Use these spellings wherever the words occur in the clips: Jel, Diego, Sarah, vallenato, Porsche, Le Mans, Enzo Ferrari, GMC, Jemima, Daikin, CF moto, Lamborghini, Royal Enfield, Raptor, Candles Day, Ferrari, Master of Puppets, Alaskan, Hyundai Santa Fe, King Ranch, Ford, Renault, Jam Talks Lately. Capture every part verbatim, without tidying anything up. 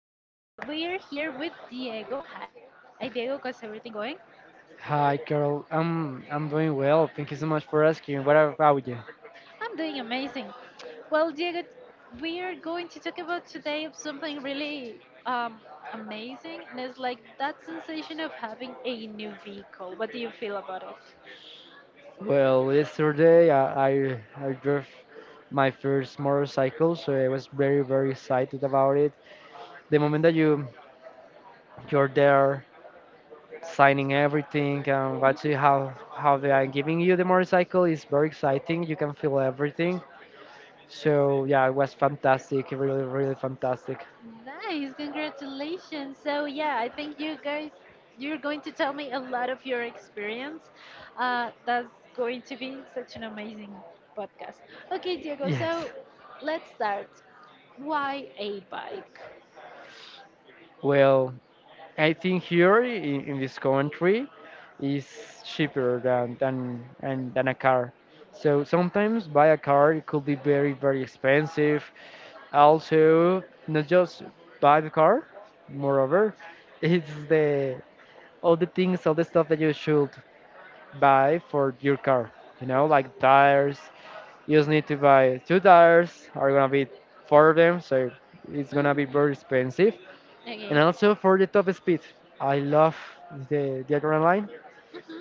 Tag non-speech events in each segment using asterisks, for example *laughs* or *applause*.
Today we are here with Diego. Hi, Diego, how's everything going? Hi, Carol. I'm I'm doing well. Thank you so much for asking. What about you? I'm doing amazing. Well, Diego, we are going to talk about today of something really um, amazing, and it's like that sensation of having a new vehicle. What do you feel about it? Well, yesterday I I, I drove my first motorcycle, so I was very very excited about it. The moment that you you're there signing everything and watching how how they are giving you the motorcycle is very exciting. You can feel everything. So yeah, it was fantastic. Really really fantastic. Nice, congratulations. So, yeah, I think you guys, you're going to tell me a lot of your experience. Uh, that's going to be such an amazing podcast. Okay, Diego, Yes. so let's start. Why a bike? Well, I think here in, in this country is cheaper than than and than a car. So sometimes buy a car it could be very very expensive. Also, not just buy the car, moreover, *laughs* it's the all the things all the stuff that you should buy for your car. You know, like tires. You just need to buy two tires. Are gonna be four of them, so it's gonna be Hmm. very expensive Okay. and also for the top speed. I love the, the adrenaline.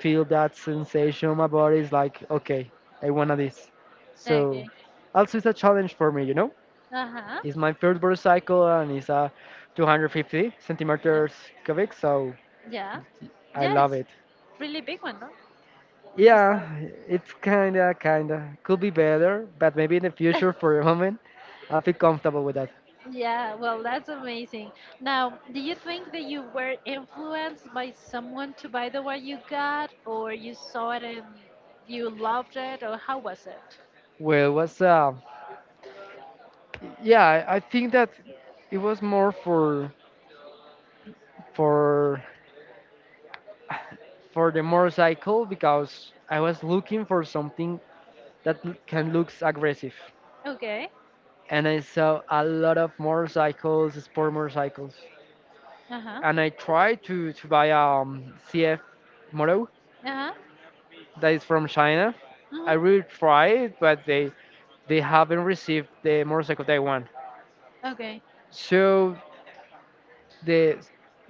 Feel that sensation. My body is like, okay, I wanna this. So, Okay. also it's a challenge for me. You know, Uh huh. it's my first motorcycle and it's a two hundred fifty Yeah. centimeters cubic. So Yeah. I Yeah, love it's it. really big one, no? To start. Yeah, it's kinda kinda could be better, but maybe in the future. *laughs* For a moment, I feel comfortable with that. Yeah, well, that's amazing. Now, do you think that you were influenced by someone to buy the one you got, or you saw it and you loved it, or how was it? Well, what's uh, yeah, I I think that it was more for for for the motorcycle because I was looking for something that l- can looks aggressive. Okay. And I saw a lot of motorcycles, sport motorcycles. Uh huh. And I tried to, to buy a um, C F moto Uh huh. that is from China. I Hmm. really tried, but they they haven't received the motorcycle they want. Okay. So the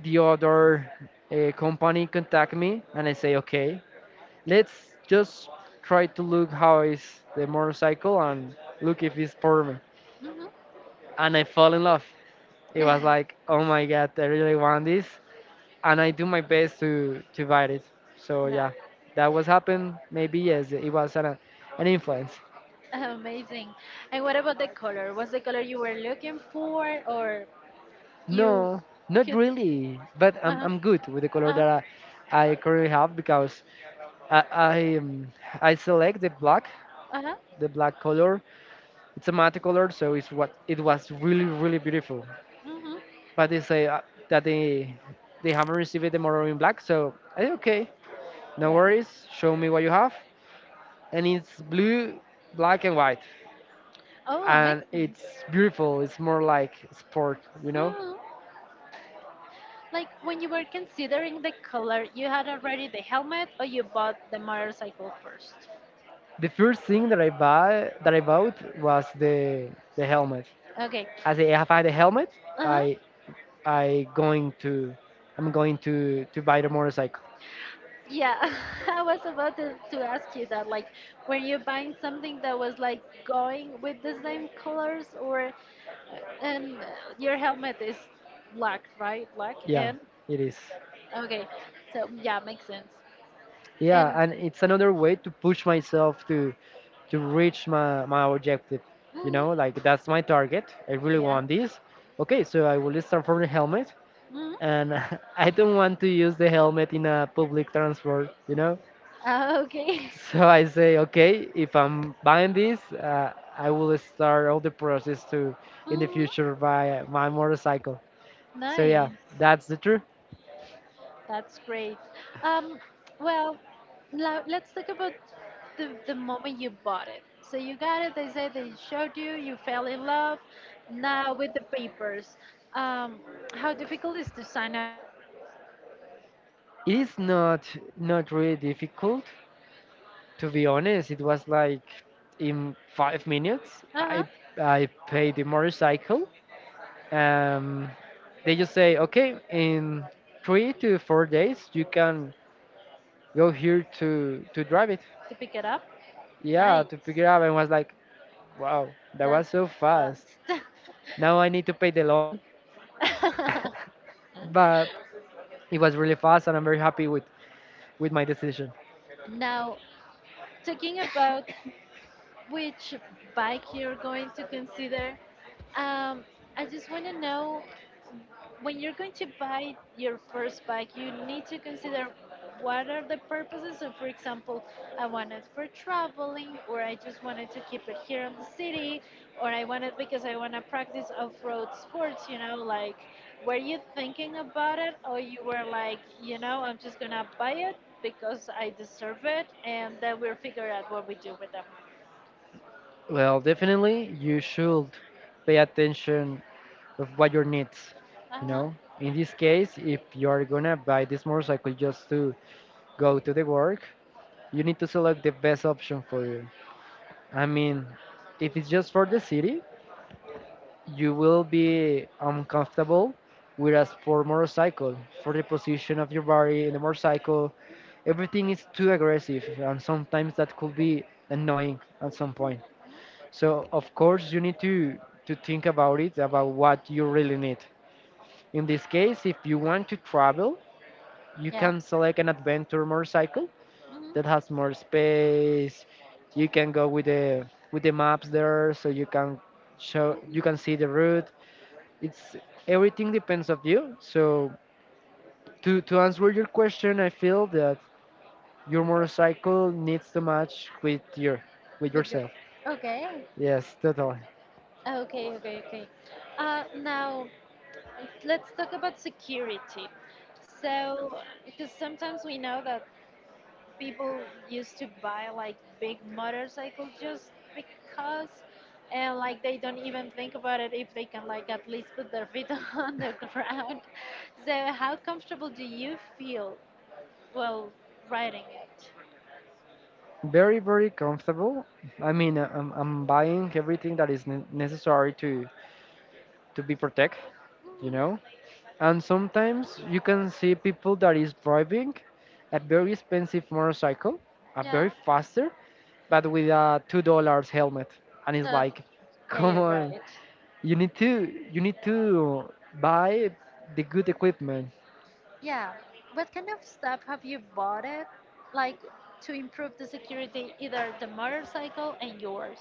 the other uh, company contact me, and I say okay, let's just try to look how is the motorcycle and look if it's for me. Mm-hmm. And I fall in love. It was like, oh my god, I really want this, and I do my best to to buy it. So *laughs* Nah. yeah, that was happened. Maybe yes, it was an an influence. Amazing. And what about the color? Was the color you were looking for, or you No, not could? really. But Uh I'm huh. I'm good with the color Uh huh. that I, I currently have because I I, um, I select the black Uh huh. the black color. It's a matte color, so it's what it was really really beautiful. Hmm. But they say uh, that they they haven't received the model in black. So I said, okay, no Yeah. worries. Show me what you have, and it's blue, black, and white, Oh, and amazing. it's beautiful. It's more like sport, you know. Hmm. Like when you were considering the color, you had already the helmet or you bought the motorcycle first? The first thing that I buy that I bought was the the helmet. Okay. As I have had the helmet, Uh-huh. I I going to I'm going to to buy the motorcycle. Yeah, *laughs* I was about to, to ask you that. Like, were you buying something that was like going with the same colors or and uh, your helmet is black, right? Black Yeah, and it is. okay. So yeah, makes sense. Yeah, And and it's another way to push myself to to reach my, my objective. *gasps* You mm, know, like that's my target. I really yeah. want this. Okay, so I will start from the helmet, Mm, and *laughs* I don't want to use the helmet in a public transport. You know, uh, okay. *laughs* so I say, okay, if I'm buying this, uh, I will start all the process to in the Mm, future buy my motorcycle. So yeah, nice. that's the truth. That's great. Um, well, now let's talk about the, the moment you bought it. So you got it, they say they showed you, you fell in love. Now with the papers, um, how difficult is to sign up for a motorcycle? It is not not really difficult. To be honest, it was like in five minutes. I Uh-huh, I paid the motorcycle. Um, they just say, okay, in three to four days you can go here to to drive it. to pick it up? Yeah, Nice. to pick it up. And was like, wow, that That's was so fast. fast. Now I need to pay the loan, *laughs* *laughs* but it was really fast, and I'm very happy with with my decision. Now, talking about which bike you're going to consider, um, I just want to know when you're going to buy your first bike, you need to consider what are the purposes. So, for example, I want it for traveling, or I just wanted to keep it here in the city, or I want it because I want to practice off-road sports. You know, like were you thinking about it, or you were like, you know, I'm just gonna buy it because I deserve it, and then we'll figure out what we do with them. Well, definitely you should pay attention of what your needs, Uh you huh. know, in this case, if you're gonna buy this motorcycle just to go to the work, you need to select the best option for you. I mean, if it's just for the city, you will be uncomfortable. Whereas for motorcycle, for the position of your body in the motorcycle, everything is too aggressive and sometimes that could be annoying at some point. So of course you need to to think about it, about what you really need. In this case, if you want to travel, you Yep. can select an adventure motorcycle that Mhm. has more space. You can go with the with the maps there, so you can show you can Mhm. see the route. It's everything depends of you. So to to answer your question, I feel that your motorcycle needs to match with your with With your yourself. okay. Yes, totally. Okay, okay, okay. Uh, now, let's talk about security. So, because sometimes we know that people used to buy like big motorcycles just because, and like they don't even think about it if they can like at least put their feet *laughs* on the ground. So, how comfortable do you feel while riding it? Very very comfortable. I mean, I- I'm I'm buying everything that is ne- necessary to to be protect. You know. Mhm. And sometimes you can see people that is driving a very expensive motorcycle, a very Yeah. faster, but with a two dollars helmet. And it's No. like, *laughs* Yeah, come you're on, right. you need to you need to buy the good equipment. Yeah. What kind of stuff have you bought it, like to improve the security, either the motorcycle and yours?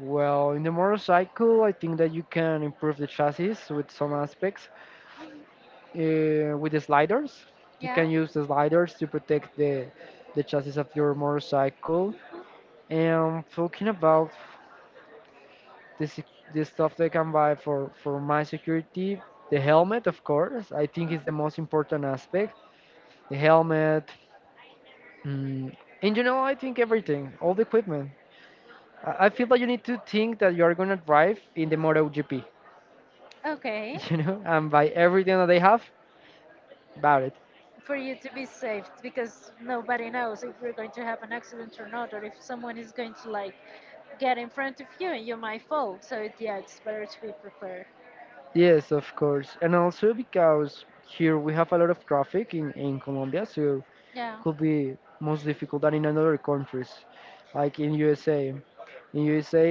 Well, in the motorcycle, I think that you can improve the chassis with some aspects. Uh, with the sliders, you Yeah. can use the sliders to protect the the chassis of your motorcycle. And talking about the sec- the stuff that I can buy for for my security. The helmet, of course, I think is the most important aspect. The helmet, mm, in general, I think everything, all the equipment. I, I feel that you need to think that you are gonna drive in the MotoGP, Okay. *laughs* you know, and buy everything that they have about it. For you to be safe, because nobody knows if you're going to have an accident or not, or if someone is going to like get in front of you and you might fall. So it, yeah, it's better to be prepared. Yes, of course, and also because here we have a lot of traffic in in Colombia, so Yeah. could be most difficult than in other countries, like in U S A. In U S A,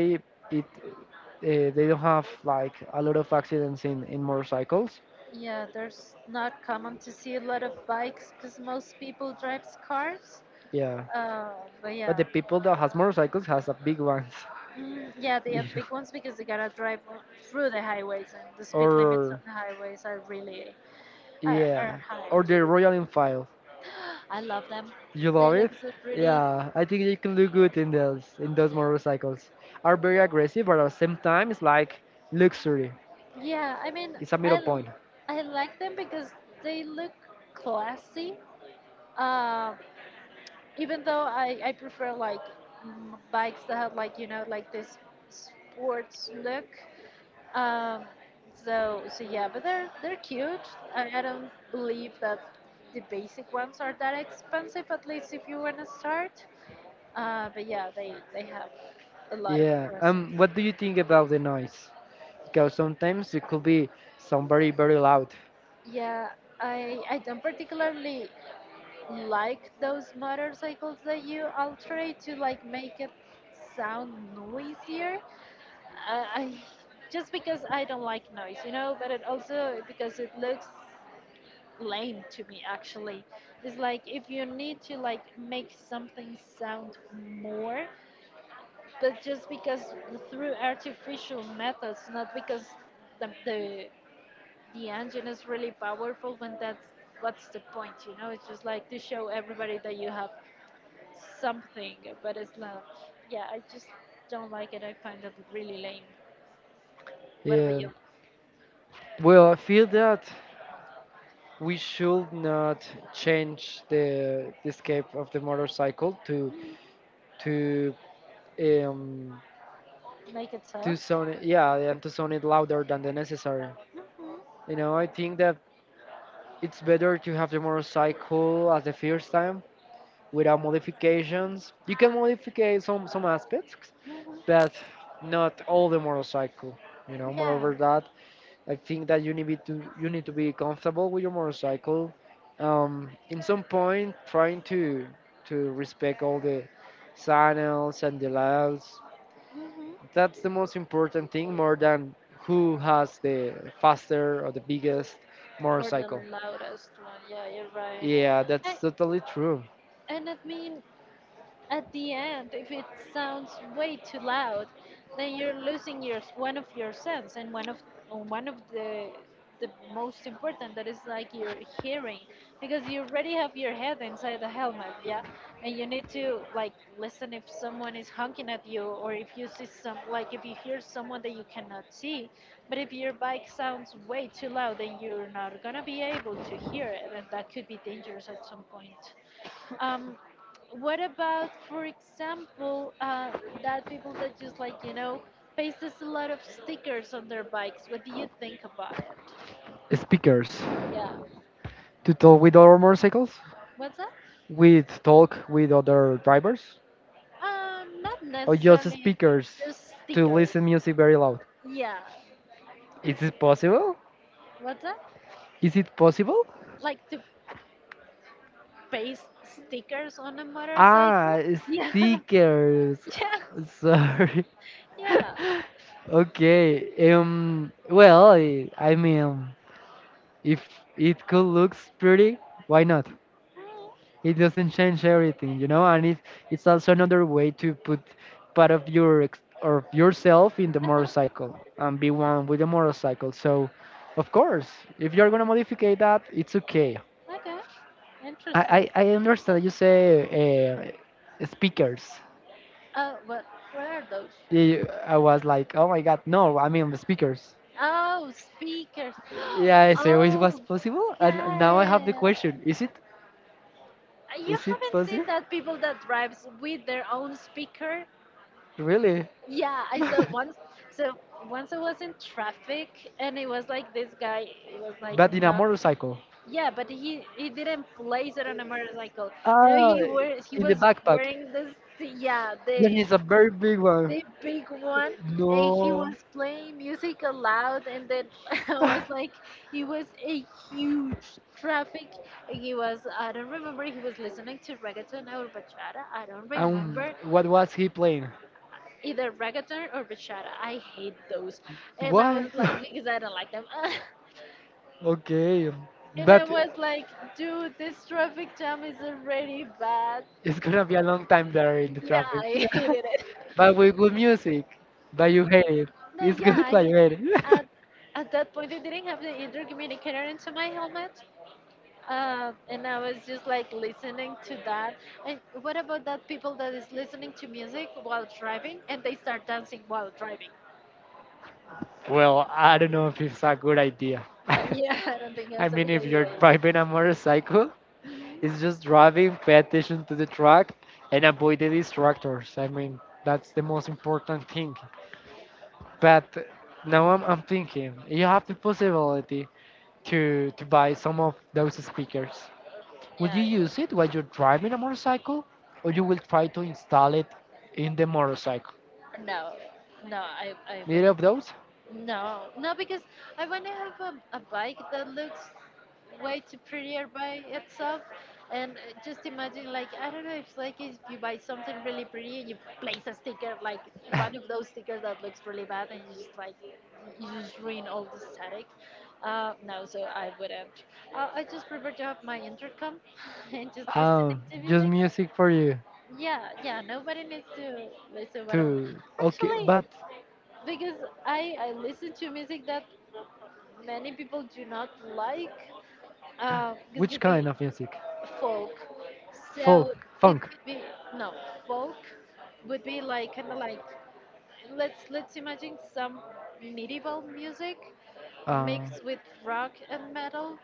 it uh, they don't have like a lot of accidents in in motorcycles. Yeah, there's not common to see a lot of bikes because most people drives cars. Yeah, Uh, but but yeah. the people that has motorcycles has a big ones, Mm, yeah, *laughs* they you are know. big ones because they gotta drive w- through the highways, and the speed limits on Or the highways are really are, are yeah, high. or the Royal Enfield. *gasps* I love them. You They love look it? so pretty. Yeah, I think you can do good in those in those motorcycles. Are very aggressive, but at the same time, it's like luxury. Yeah, I mean, It's a I middle l- point. I like them because they look classy. Um, even though I I prefer like m- bikes that have like you know like this sports look. Um, so so yeah, but they're they're cute. I, I don't believe that the basic ones are that expensive, at least if you wanna start. Uh, but yeah, they they have a lot of Yeah. Um. presents. What do you think about the noise? Because sometimes it could be somebody very loud. Yeah, I I don't particularly like those motorcycles that you alterate to like make it sound noisier. I, I just because I don't like noise, you know, but it also because it looks lame to me actually. It's like if you need to like make something sound more, but just because through artificial methods, not because the the, the engine is really powerful when that's what's the point, you know? It's just like to show everybody that you have something, but it's not yeah, I just don't like it. I find it really lame. What about Yeah. you? Well, I feel that we should not change the the scape of the motorcycle to to um Make it to soft? sound it, yeah, and to sound it louder than the necessary. You know, I think that it's better to have the motorcycle as the first time without modifications. You can modify some some aspects, Hmm. but not all the motorcycle. You know, Yeah. moreover that I think that you need to you need to be comfortable with your motorcycle. Um, in some point, trying to to respect all the signals and the laws. Hmm. That's the most important thing, more than who has the faster or the biggest Or motorcycle. the loudest one. Yeah, you're right. Yeah, I, that's totally true. and I mean, at the end, if it sounds way too loud, then you're losing your one of your sense and one of one of the the most important that is like your hearing because you already have your head inside the helmet, yeah, and you need to like listen if someone is honking at you or if you see some like if you hear someone that you cannot see, but if your bike sounds way too loud, then you're not gonna be able to hear it, and that could be dangerous at some point. Um, what about, for example, uh, that people that just like, you know, pastes a lot of stickers on their bikes? What do you think about it? Speakers Yeah. to talk with other motorcycles, What's that? with talk with other drivers, Um, not or just necessarily speakers just to stickers. listen music very loud. Yeah. Is it possible? What's that? Is it possible? Like to paste stickers on a motorcycle? Ah, Yeah. *laughs* stickers. Yeah. *laughs* Sorry. Yeah. *laughs* Okay. Um. Well, I I mean, if it could looks pretty, why not? It doesn't change everything, you know. And it it's also another way to put part of your ex or yourself in the Uh huh. motorcycle and be one with the motorcycle. So, of course, if you're gonna modify that, it's okay. Okay. Interesting. I I, I understand you say uh, speakers. Uh, what? What are those? Yeah, I was like, oh my god, no, I mean the speakers. Oh, speakers. *gasps* Yeah, so it was Oh, possible, and got now I have the it. question: is it, You is it haven't possible? seen that people that drives with their own speaker? Really? Yeah, *laughs* I saw But once. So once I was in traffic, and it was like this guy was like in a not. motorcycle. Yeah, but he he didn't place it on a motorcycle. You know, Ah, he were he in the was backpack. wearing this. Yeah, Then the it's a very big one. the big one and he No. was playing music aloud and then *laughs* I was *laughs* like it was a huge traffic and he was I don't remember he was listening to reggaeton or bachata I don't Um, remember what was he playing? either reggaeton or bachata I hate those and I Why? was like *laughs* because I don't like them Okay, *laughs* and I but was like dude this traffic jam is already bad it's gonna be a long time there in the yeah traffic. I *laughs* hated it. *laughs* But with good music. But you hate it. No, It's yeah, good, I but you mean, hate it. at, *laughs* at that point, I didn't have the either communicator into my helmet. Um, and I was just like listening to that. And what about that people that is listening to music while driving and they start dancing while driving? Well, I don't know if it's a good idea. *laughs* Yeah, *laughs* I don't think I that's a mean, good if you're idea. *laughs* driving a motorcycle, Mhm. it's just driving, pay attention to the track, and avoid the distractors. I mean, that's the most important thing. But now I'm, I'm thinking, you have the possibility to, to buy some of those speakers. Will you Yeah, use it yeah. while you're driving a motorcycle, or you will try to install it in the motorcycle? No, no, I, I would. Neither of those? No, no, because I want to have a, a bike that looks way too prettier by itself. And uh, just imagine, like, I don't know, if like if you buy something really pretty and you place a sticker, like one of those stickers that looks really bad, and you just like you just ruin all the static. Uh, no, so I wouldn't. Uh, I just prefer to have my intercom *laughs* and just *laughs* Um, listening to just music. music for you Yeah, yeah, nobody needs to listen what I'm to. Okay, actually but because I I listen to music that many people do not like. Uh, this which could kind be of music? folk, so Folk, it funk. could be no folk would be like kind of like let's let's imagine some medieval music Uh, mixed with rock and metal.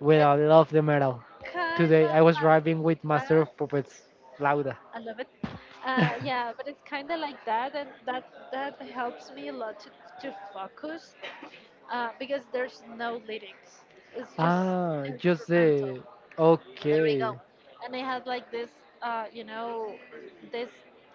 well, It's I love the metal. kind Today of I was like driving with Master that. of Puppets, Lauda. I love it. Uh, *laughs* yeah, but it's kind of like that, and that that helps me a lot to, to focus. uh, because there's no lyrics. It's just Ah, just instrumental. the. There we Okay, go. And it has like this, uh, you know, this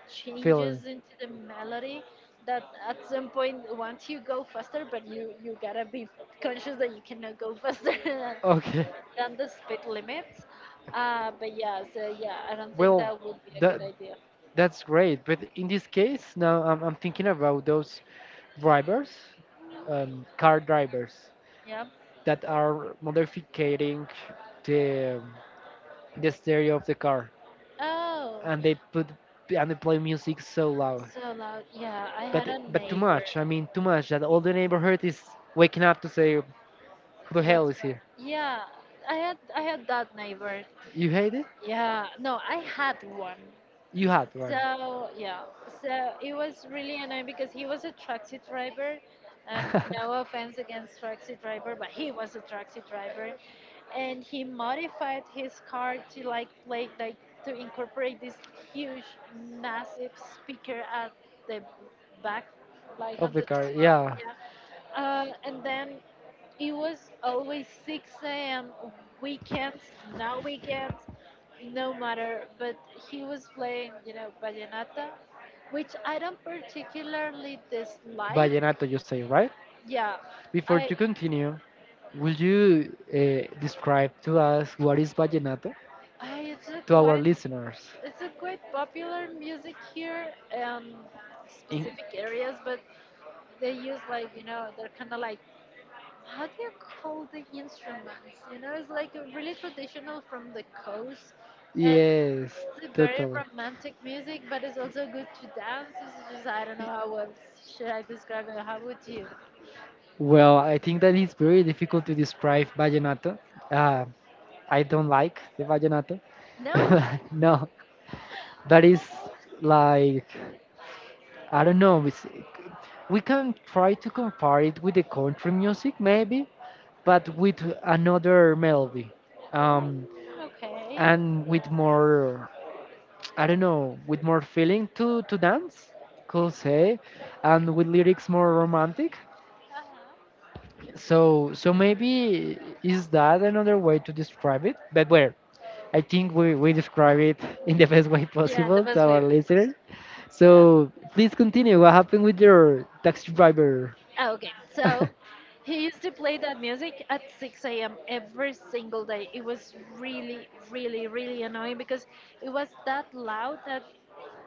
changes feeling. into the melody that at some point once you go faster, but you you gotta be conscious that you cannot go faster *laughs* than, Okay, than the speed limits. Uh, but yeah, so yeah, I don't think well, that would be a good that idea. that's great. But in this case, now I'm I'm thinking about those drivers, um, car drivers Yeah. that are modifying the the stereo of the car, Oh, and they put and they play music so loud. so loud. Yeah, I had But a but too neighbor. much. I mean, too much that all the neighborhood is waking up to say, "Who the hell Well, is here?" yeah, I had I had that neighbor. You hate it? Yeah, no, I had one. You had one. So yeah, so it was really annoying because he was a taxi driver, and no *laughs* offense against taxi driver, but he was a taxi driver, and he modified his car to like like like to incorporate this huge, massive speaker at the back, like Of on the the car, truck. yeah. Yeah, uh, and then it was always six a m weekends, no weekends, no matter. But he was playing, you know, vallenata, which I don't particularly dislike. Vallenato, you say, right? Yeah, Before I, to continue, will you uh, describe to us what is vallenato I it's a to our quite, listeners? it's a quite popular music here, um, In specific areas, but they use like, you know, they're kind of like how do you call the instruments? You know, it's like a really traditional from the coast, and yes, it's a very totally. romantic music, but it's also good to dance. It's just I don't know how else should I describe it. How would you? Well, I think that it's very difficult to describe vallenato. Uh, I don't like the vallenato. No? *laughs* No, that is like I don't know. It's, we can try to compare it with the country music, maybe, but with another melody, um, Okay. and with more, I don't know, with more feeling to to dance, could say, and with lyrics more romantic. So so maybe is that another way to describe it? But where? I think we, we describe it in the best way Yeah, the possible to best our way because listener. yeah. So please continue. What happened with your taxi driver? *laughs* Oh, okay. So he used to play that music at six a m every single day. It was really, really, really annoying because it was that loud that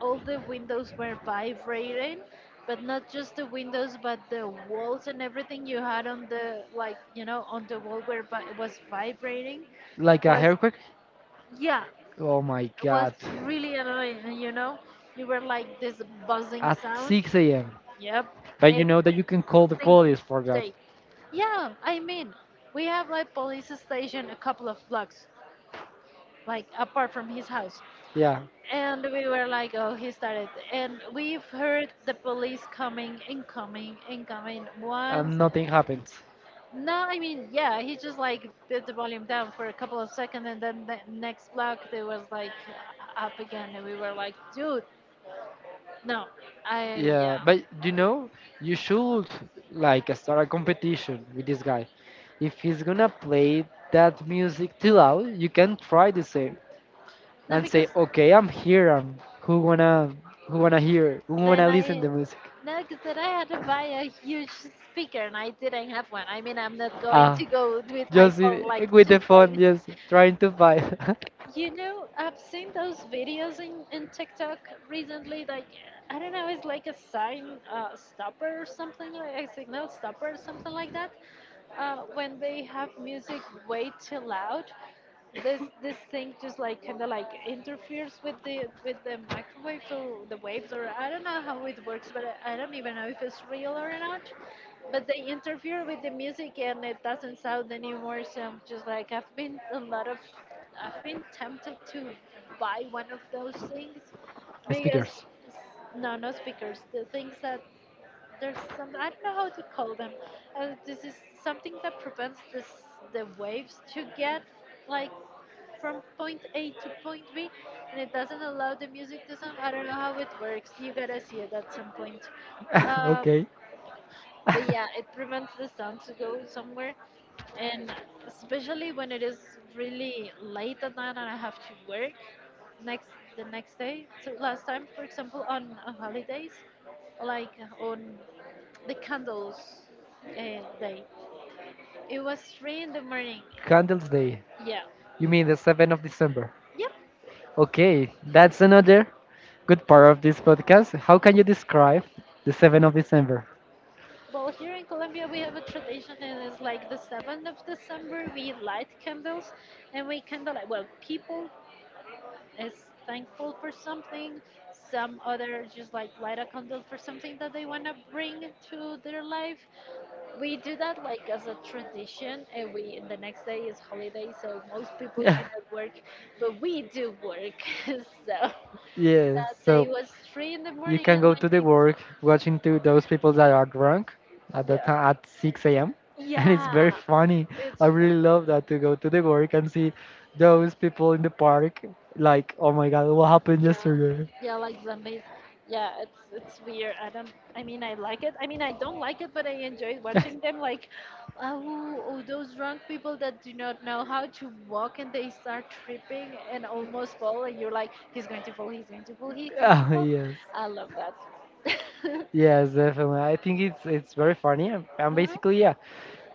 all the windows were vibrating, but not just the windows, but the walls and everything you had on the like you know on the wall where vi- was vibrating Like a was earthquake? yeah Oh my it was god. really annoying. and, You know, you were like this buzzing At sound. six a m. Yep. But you know that you can call the Single police for that. day. Yeah, I mean, we have like police station a couple of blocks, like apart from his house. Yeah, And we were like, oh, he started. And we've heard the police coming and coming and coming and once. nothing happens. No, I mean, yeah, he just like put the volume down for a couple of seconds and then the next block they was like up again and we were like, dude, no, I, yeah. Yeah, but you know, you should like start a competition with this guy. If he's gonna play that music too loud, you can try the same No, and say, because "Okay, I'm here. And who wanna who wanna hear? Who wanna then listen I the music?" next that I had to buy a huge speaker and I didn't have one. I mean, I'm not going Ah, to go with my just phone in, like with the just phone, like just trying to find you know, I've seen those videos in, in TikTok recently. Like, I don't know, it's like a sign uh, stopper or something, like a signal stopper or something like that. Uh, when they have music way too loud, this this thing just like kind of like interferes with the with the microwaves or the waves or I don't know how it works, but I, I don't even know if it's real or not, but they interfere with the music and it doesn't sound anymore. So I'm just like I've been a lot of I've been tempted to buy one of those things *laughs* because speakers. no, no speakers, the things that there's some I don't know how to call them. Uh, this is something that prevents this, the waves to get like from point A to point B, and it doesn't allow the music to sound. I don't know how it works, you gotta see it at some point. *laughs* Um, Okay. but *laughs* yeah, it prevents the sun to go somewhere, and especially when it is really late at night and I have to work next the next day. So last time, for example, on, on holidays, like on the candles uh, day, it was three in the morning. Candles Day. Yeah, You mean the seventh of December? yep. Okay, that's another good part of this podcast. How can you describe the seventh of December? Well, here in Colombia, we have a tradition, and it's like the seventh of December, we light candles and we candlelight. Well, people is thankful for something. Some other just like light a candle for something that they want to bring to their life. We do that like as a tradition, and we the next day is holiday, so most people Yeah, do not work, but we do work. *laughs* So yeah. that day So was three in the you morning, can and go my to the work watching to those people that are drunk at next the time yeah at six a m *laughs* And it's yeah, very funny. it's I really funny. love that to go to the work and see those people in the park. Like, oh my God, what happened Yeah, yesterday? yeah, like zombies. Yeah, it's it's weird. I don't. I mean, I like it. I mean, I don't like it, but I enjoy watching *laughs* them. Like, oh, oh, those drunk people that do not know how to walk and they start tripping and almost fall, and you're like, he's going to fall, he's going to fall, he's going to Ah fall. yes, I love that. *laughs* yes, definitely. I think it's it's very funny and, and Mhm. basically, yeah,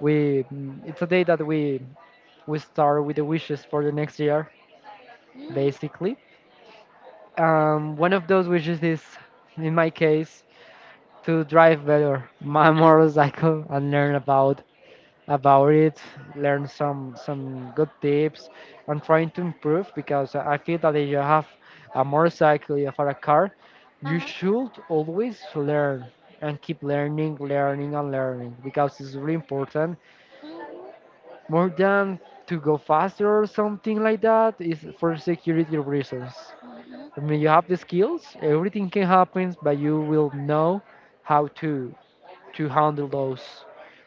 we mm, it's a day that we we start with the wishes for the next year, Mhm. basically. Um, one of those wishes is in my case to drive better *laughs* my motorcycle and learn about about it, learn some some good tips. I'm trying to improve because I feel that if you have a motorcycle, you have a car, you Uh-huh. should always learn and keep learning learning and learning, because it's really important. Mhm. More than to go faster or something like that, is for security reasons. Mhm. I mean, you have the skills, everything can happen, but you will know how to to handle those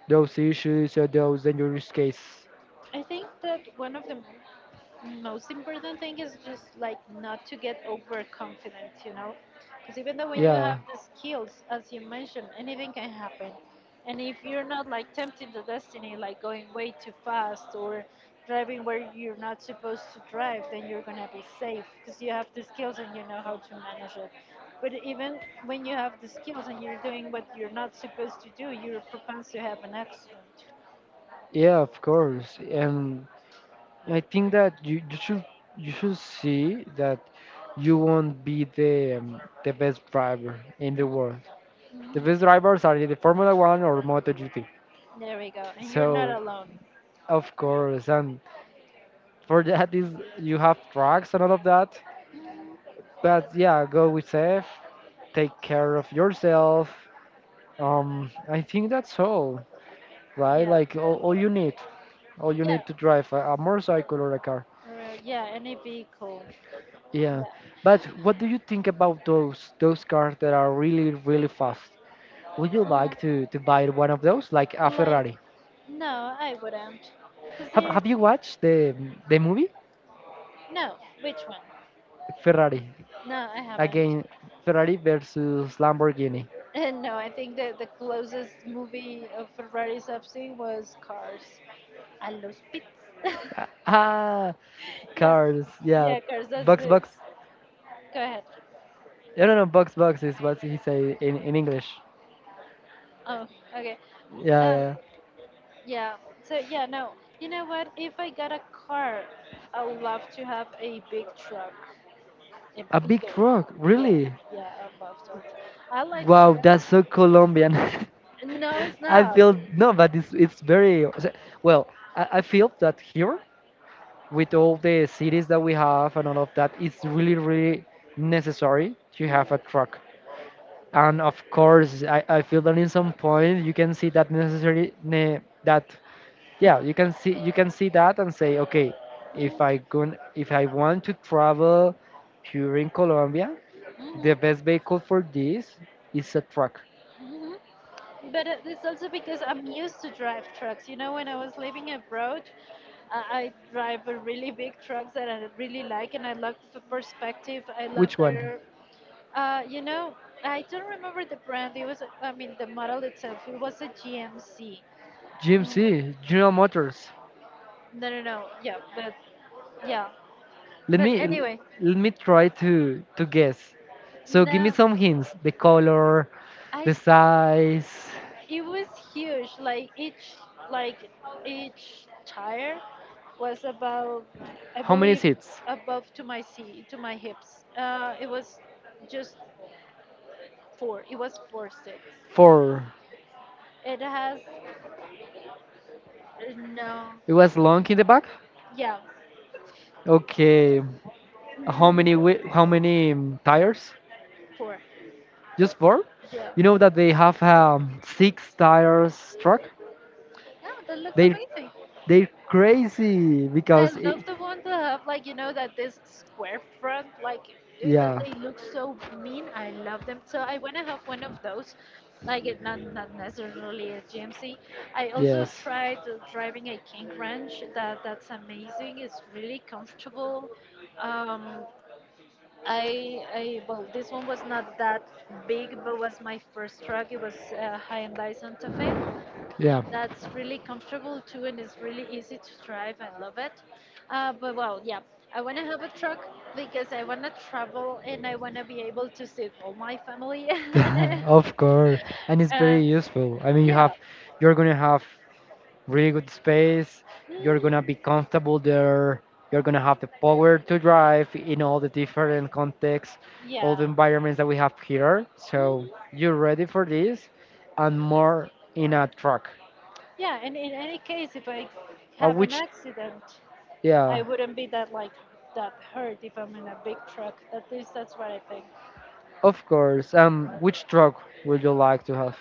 those issues or those dangerous cases. I think that one of the m- most important thing is just like not to get overconfident, you know, because even though when you Yeah, have the skills, as you mentioned, anything can happen, and if you're not like tempting the destiny, like going way too fast or driving where you're not supposed to drive, then you're gonna be safe because you have the skills and you know how to manage it. But even when you have the skills and you're doing what you're not supposed to do, you're propensed to have an accident. yeah, of course. And I think that you, you should you should see that you won't be the um, the best driver in the world. The best drivers are in the Formula One or MotoGP. There we go. And you're not So alone. of course, and for that is you have drugs and all of that. But yeah, go with safe, take care of yourself. Um, I think that's all, right? Yeah. Like all, all you need, all you Yeah. need to drive a, a motorcycle or a car. Or, yeah, any vehicle. Yeah, Yeah. but what do you think about those those cars that are really really fast? Would you Mm, like to to buy one of those, like a like, Ferrari? no, I wouldn't. Because Have they, Have ex- you watched the the movie no, which one? Ferrari? No, I haven't. Again, Ferrari versus Lamborghini. And no, I think that the closest movie of Ferraris I've seen was Cars. A los pits. *laughs* Ah, Yeah. cars. Yeah, Yeah, Cars, that's bucks, the. bucks. Go ahead. I don't know. Bucks, bucks is what he say in in English. Oh, okay. Yeah, Um, yeah. Yeah. So yeah, no. You know what? If I got a car, I would love to have a big truck, a A big bigger one. truck. Yeah, Really? yeah, I love those. I like Wow, trucks. that's so Colombian. No, it's *laughs* I not. feel no, but it's it's very well. I, I feel that here with all the cities that we have and all of that, it's really really necessary to have a Mhm, truck. And of course, I, I feel that in some point you can see that necessary ne, that yeah you can see you can see that and say okay, if mhm, I go, if I want to travel here in Colombia, the mhm, best vehicle for this is a truck. mhm. But uh, it's also because I'm used to drive trucks. You know, when I was living abroad, uh, I drive a really big trucks that I really like, and I love the perspective. I love Which one? their, uh, you know, I don't remember the brand. It was, I mean, the model itself. It was a G M C. GMC, general motors. No, no, no. Yeah, but yeah. let But me l- anyway, Let me try to to guess. So give me no, some hints: the color, I. the size, It was huge, like each like each tire was about I how many believe seats. above to my seat to my hips. Uh, it was just four, it was four seats. Four. It has no It was long in the back. yeah Okay. how mm, many wi- How many um, tires? four Just four? yeah You know that they have um, six tires truck? yeah, that looks They, amazing. they're crazy I because it, love the ones that have like you know that this square front like eh, that yeah, they look so mean. I love them. So I wanna have one of those. Like it not not necessarily a G M C. I also yes. tried uh, driving a King Ranch. That that's amazing. It's really comfortable. Um, I I well this one was not that big, but was my first truck. It was a Hyundai Santa Fe. Yeah. That's really comfortable too and it's really easy to drive. I love it. Uh, but well, yeah, I want to have a truck because I want to travel and I want to be able to see all my family. *laughs* And, *laughs* Of course. And it's uh, uh, very useful. I mean, you yeah. have, you're gonna have really good space, you're gonna Mhm. be comfortable there, you're gonna have the power to drive in all the different contexts, all Yeah. the environments that we have here. So Mhm. you're ready for this and more in a truck. Yeah. And in any case, if I Uh, have an which accident, I yeah, wouldn't be that like that hurt if I'm in a big truck. At least that's what I think. of course. Um, which truck would you like to have?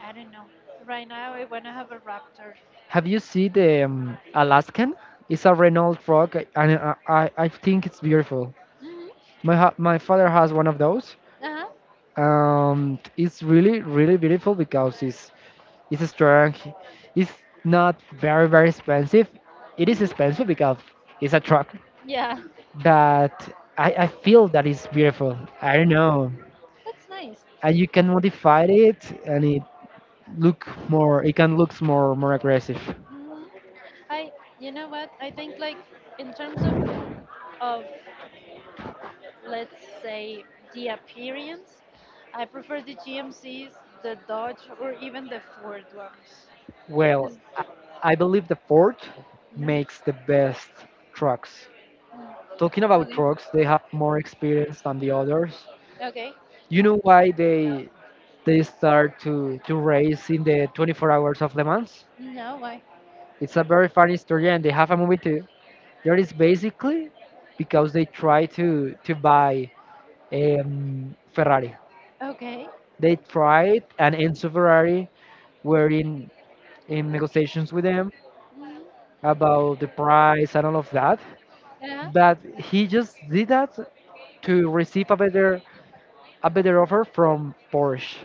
I don't know. Right now, I want to have a Raptor. Have you seen the um, Alaskan? It's a Renault truck, and I, I, I think it's beautiful. Hmm. My ha- my father has one of those. Uh Um, it's really really beautiful because it's it's strong. It's not very very expensive. It is huh. expensive because it's a truck, Yeah, but I, I feel that it's beautiful. I don't know. *laughs* that's nice. And you can modify it, and it look more. It can looks more more aggressive. Mm, I, you know what? I think like in terms of of let's say the appearance, I prefer the G M Cs, the Dodge, or even the Ford ones. Well, 'Cause- I I believe the Ford Mm, makes the best trucks. Talking mm. about Okay, trucks, they have more experience than the others. okay. You know why they they start to to race in the twenty-four hours of Le Mans? No, why? It's a very funny story, and they have a movie too. That is basically because they try to to buy um, Ferrari. Okay. They tried, and Enzo Ferrari were in in negotiations with them Mm, about the price and all of that, yeah. but he just did that to receive a better a better offer from Porsche.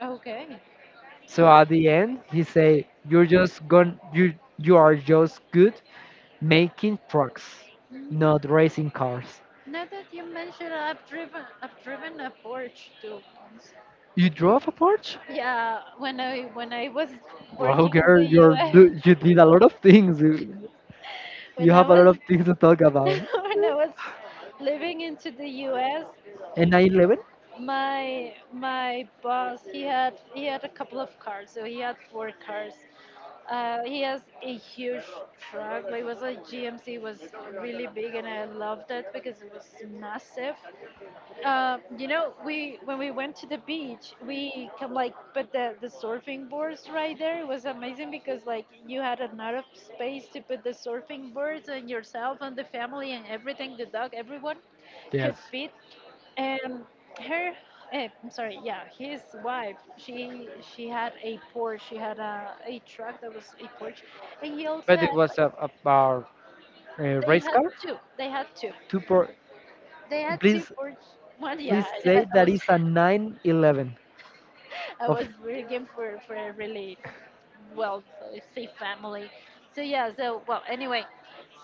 Okay. So at the end, he say, "You're just gon you you are just good making trucks, Mm. not racing cars." Now that you mention, I've driven, I've driven a Porsche too once. You drove a Porsche? Yeah, when I when I was Wow, working in the girl, you're do- U S, you did a lot of things. You, *laughs* you when I have a lot was of things to talk *laughs* about. when I was living into the U S, And nine eleven? my my boss he had he had a couple of cars, so he had four cars. Uh, he has a huge truck. Like, it was a G M C, was really big, and I loved it because it was massive. Uh, you know, we when we went to the beach, we come like, but the the surfing boards right there was amazing because like you had enough space to put the surfing boards and yourself and the family and everything, the dog, everyone could Yes, fit. And her, eh, I'm sorry, yeah, his wife, she she had a Porsche, she had a a truck that was a Porsche, and he also but it had was like a- about a they race had car. two, they had two, Two pro- they had Please two Porsche. One, yeah, please say I, I that was is a nine eleven I of. was working for for a really well uh, safe family. So yeah, so well anyway,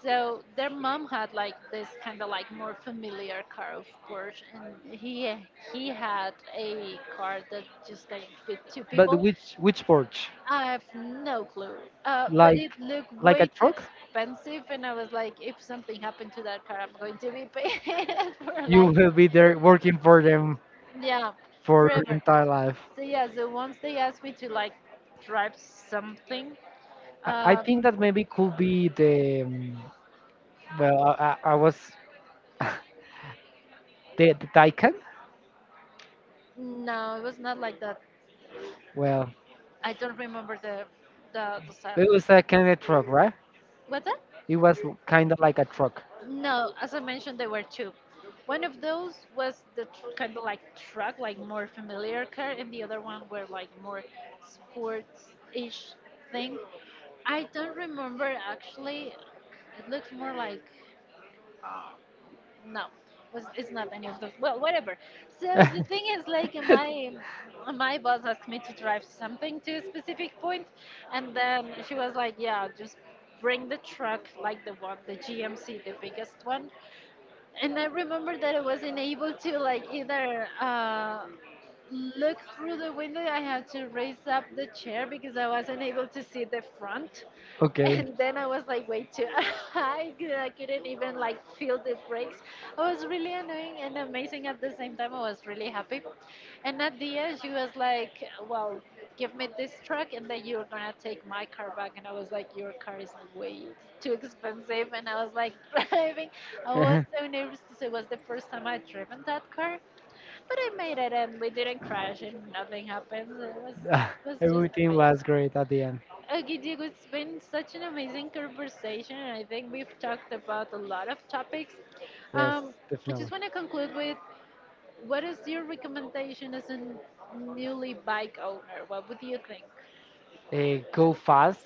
so their mom had like this kind of like more familiar car of Porsche, and he he had a car that just like fit two But people. which which porch? I have no clue, uh, but Like it looked like a way too truck? expensive, and I was like, if something happened to that car, I'm going to be paid *laughs* for You life. will be there working for them Yeah, for your forever. entire life. So yeah, so once they asked me to like drive something, I, I uh, think that maybe could be the um, well I, I I was the, the Daikin. no, it was not like that. Well, I don't remember the the the stuff. it was a kind of truck, right? What's that? It was kind of like a truck. No, as I mentioned, there were two. One of those was the tr- kind of like truck, like more familiar car, and the other one were like more sports-ish thing. I don't remember actually. It looks more like no was- it's not any of those, well, whatever. So the thing is like my my boss asked me to drive something to a specific point, and then she was like, yeah, just bring the truck, like the one, the GMC, the biggest one. And I remember that I wasn't able to like either uh, look through the window. I had to raise up the chair because I wasn't able to see the front. Okay. And then I was like way too *laughs* high, 'cause I couldn't even like feel the brakes. I was really annoying and amazing at the same time. I was really happy. And at the end, she was like, "Well, give me this truck, and then you're gonna take my car back." And I was like, "Your car is way too expensive." And I was like *laughs* driving. I was *laughs* so nervous because it was the first time I'd driven that car. But I made it and we didn't crash and nothing happened. It was Ah, it was just everything amazing. was great at the end. Okay, Diego, it's been such an amazing conversation and I think we've talked about a lot of topics. Yes, Um, I just definitely. want to conclude with what is your recommendation as a newly bike owner? What would you think? Uh, go fast,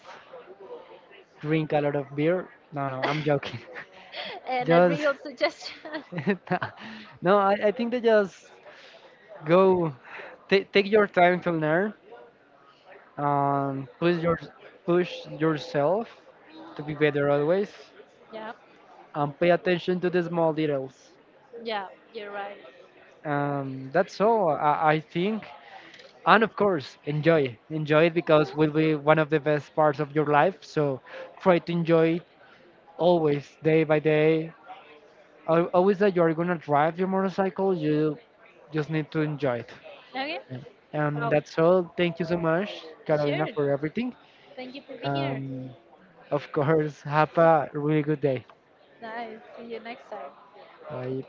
drink a lot of beer. No, no, I'm *laughs* joking. *laughs* And a Just real suggestion. *laughs* *laughs* no, I, I think they just go, ta take your time to learn and push your, push yourself to be better always Yeah, and pay attention to the small details. yeah, you're right. Um, that's all I, I think. And of course, enjoy. Enjoy it because will be one of the best parts of your life. So try to enjoy it always, day by day. Al- Always that you're gonna drive your motorcycle, you just need to enjoy it. Okay, And well, that's all. Thank you so much, Carolina, sure. for everything. Thank you for being here. Um, of course, have See, a really good day. nice. See you next time. Bye.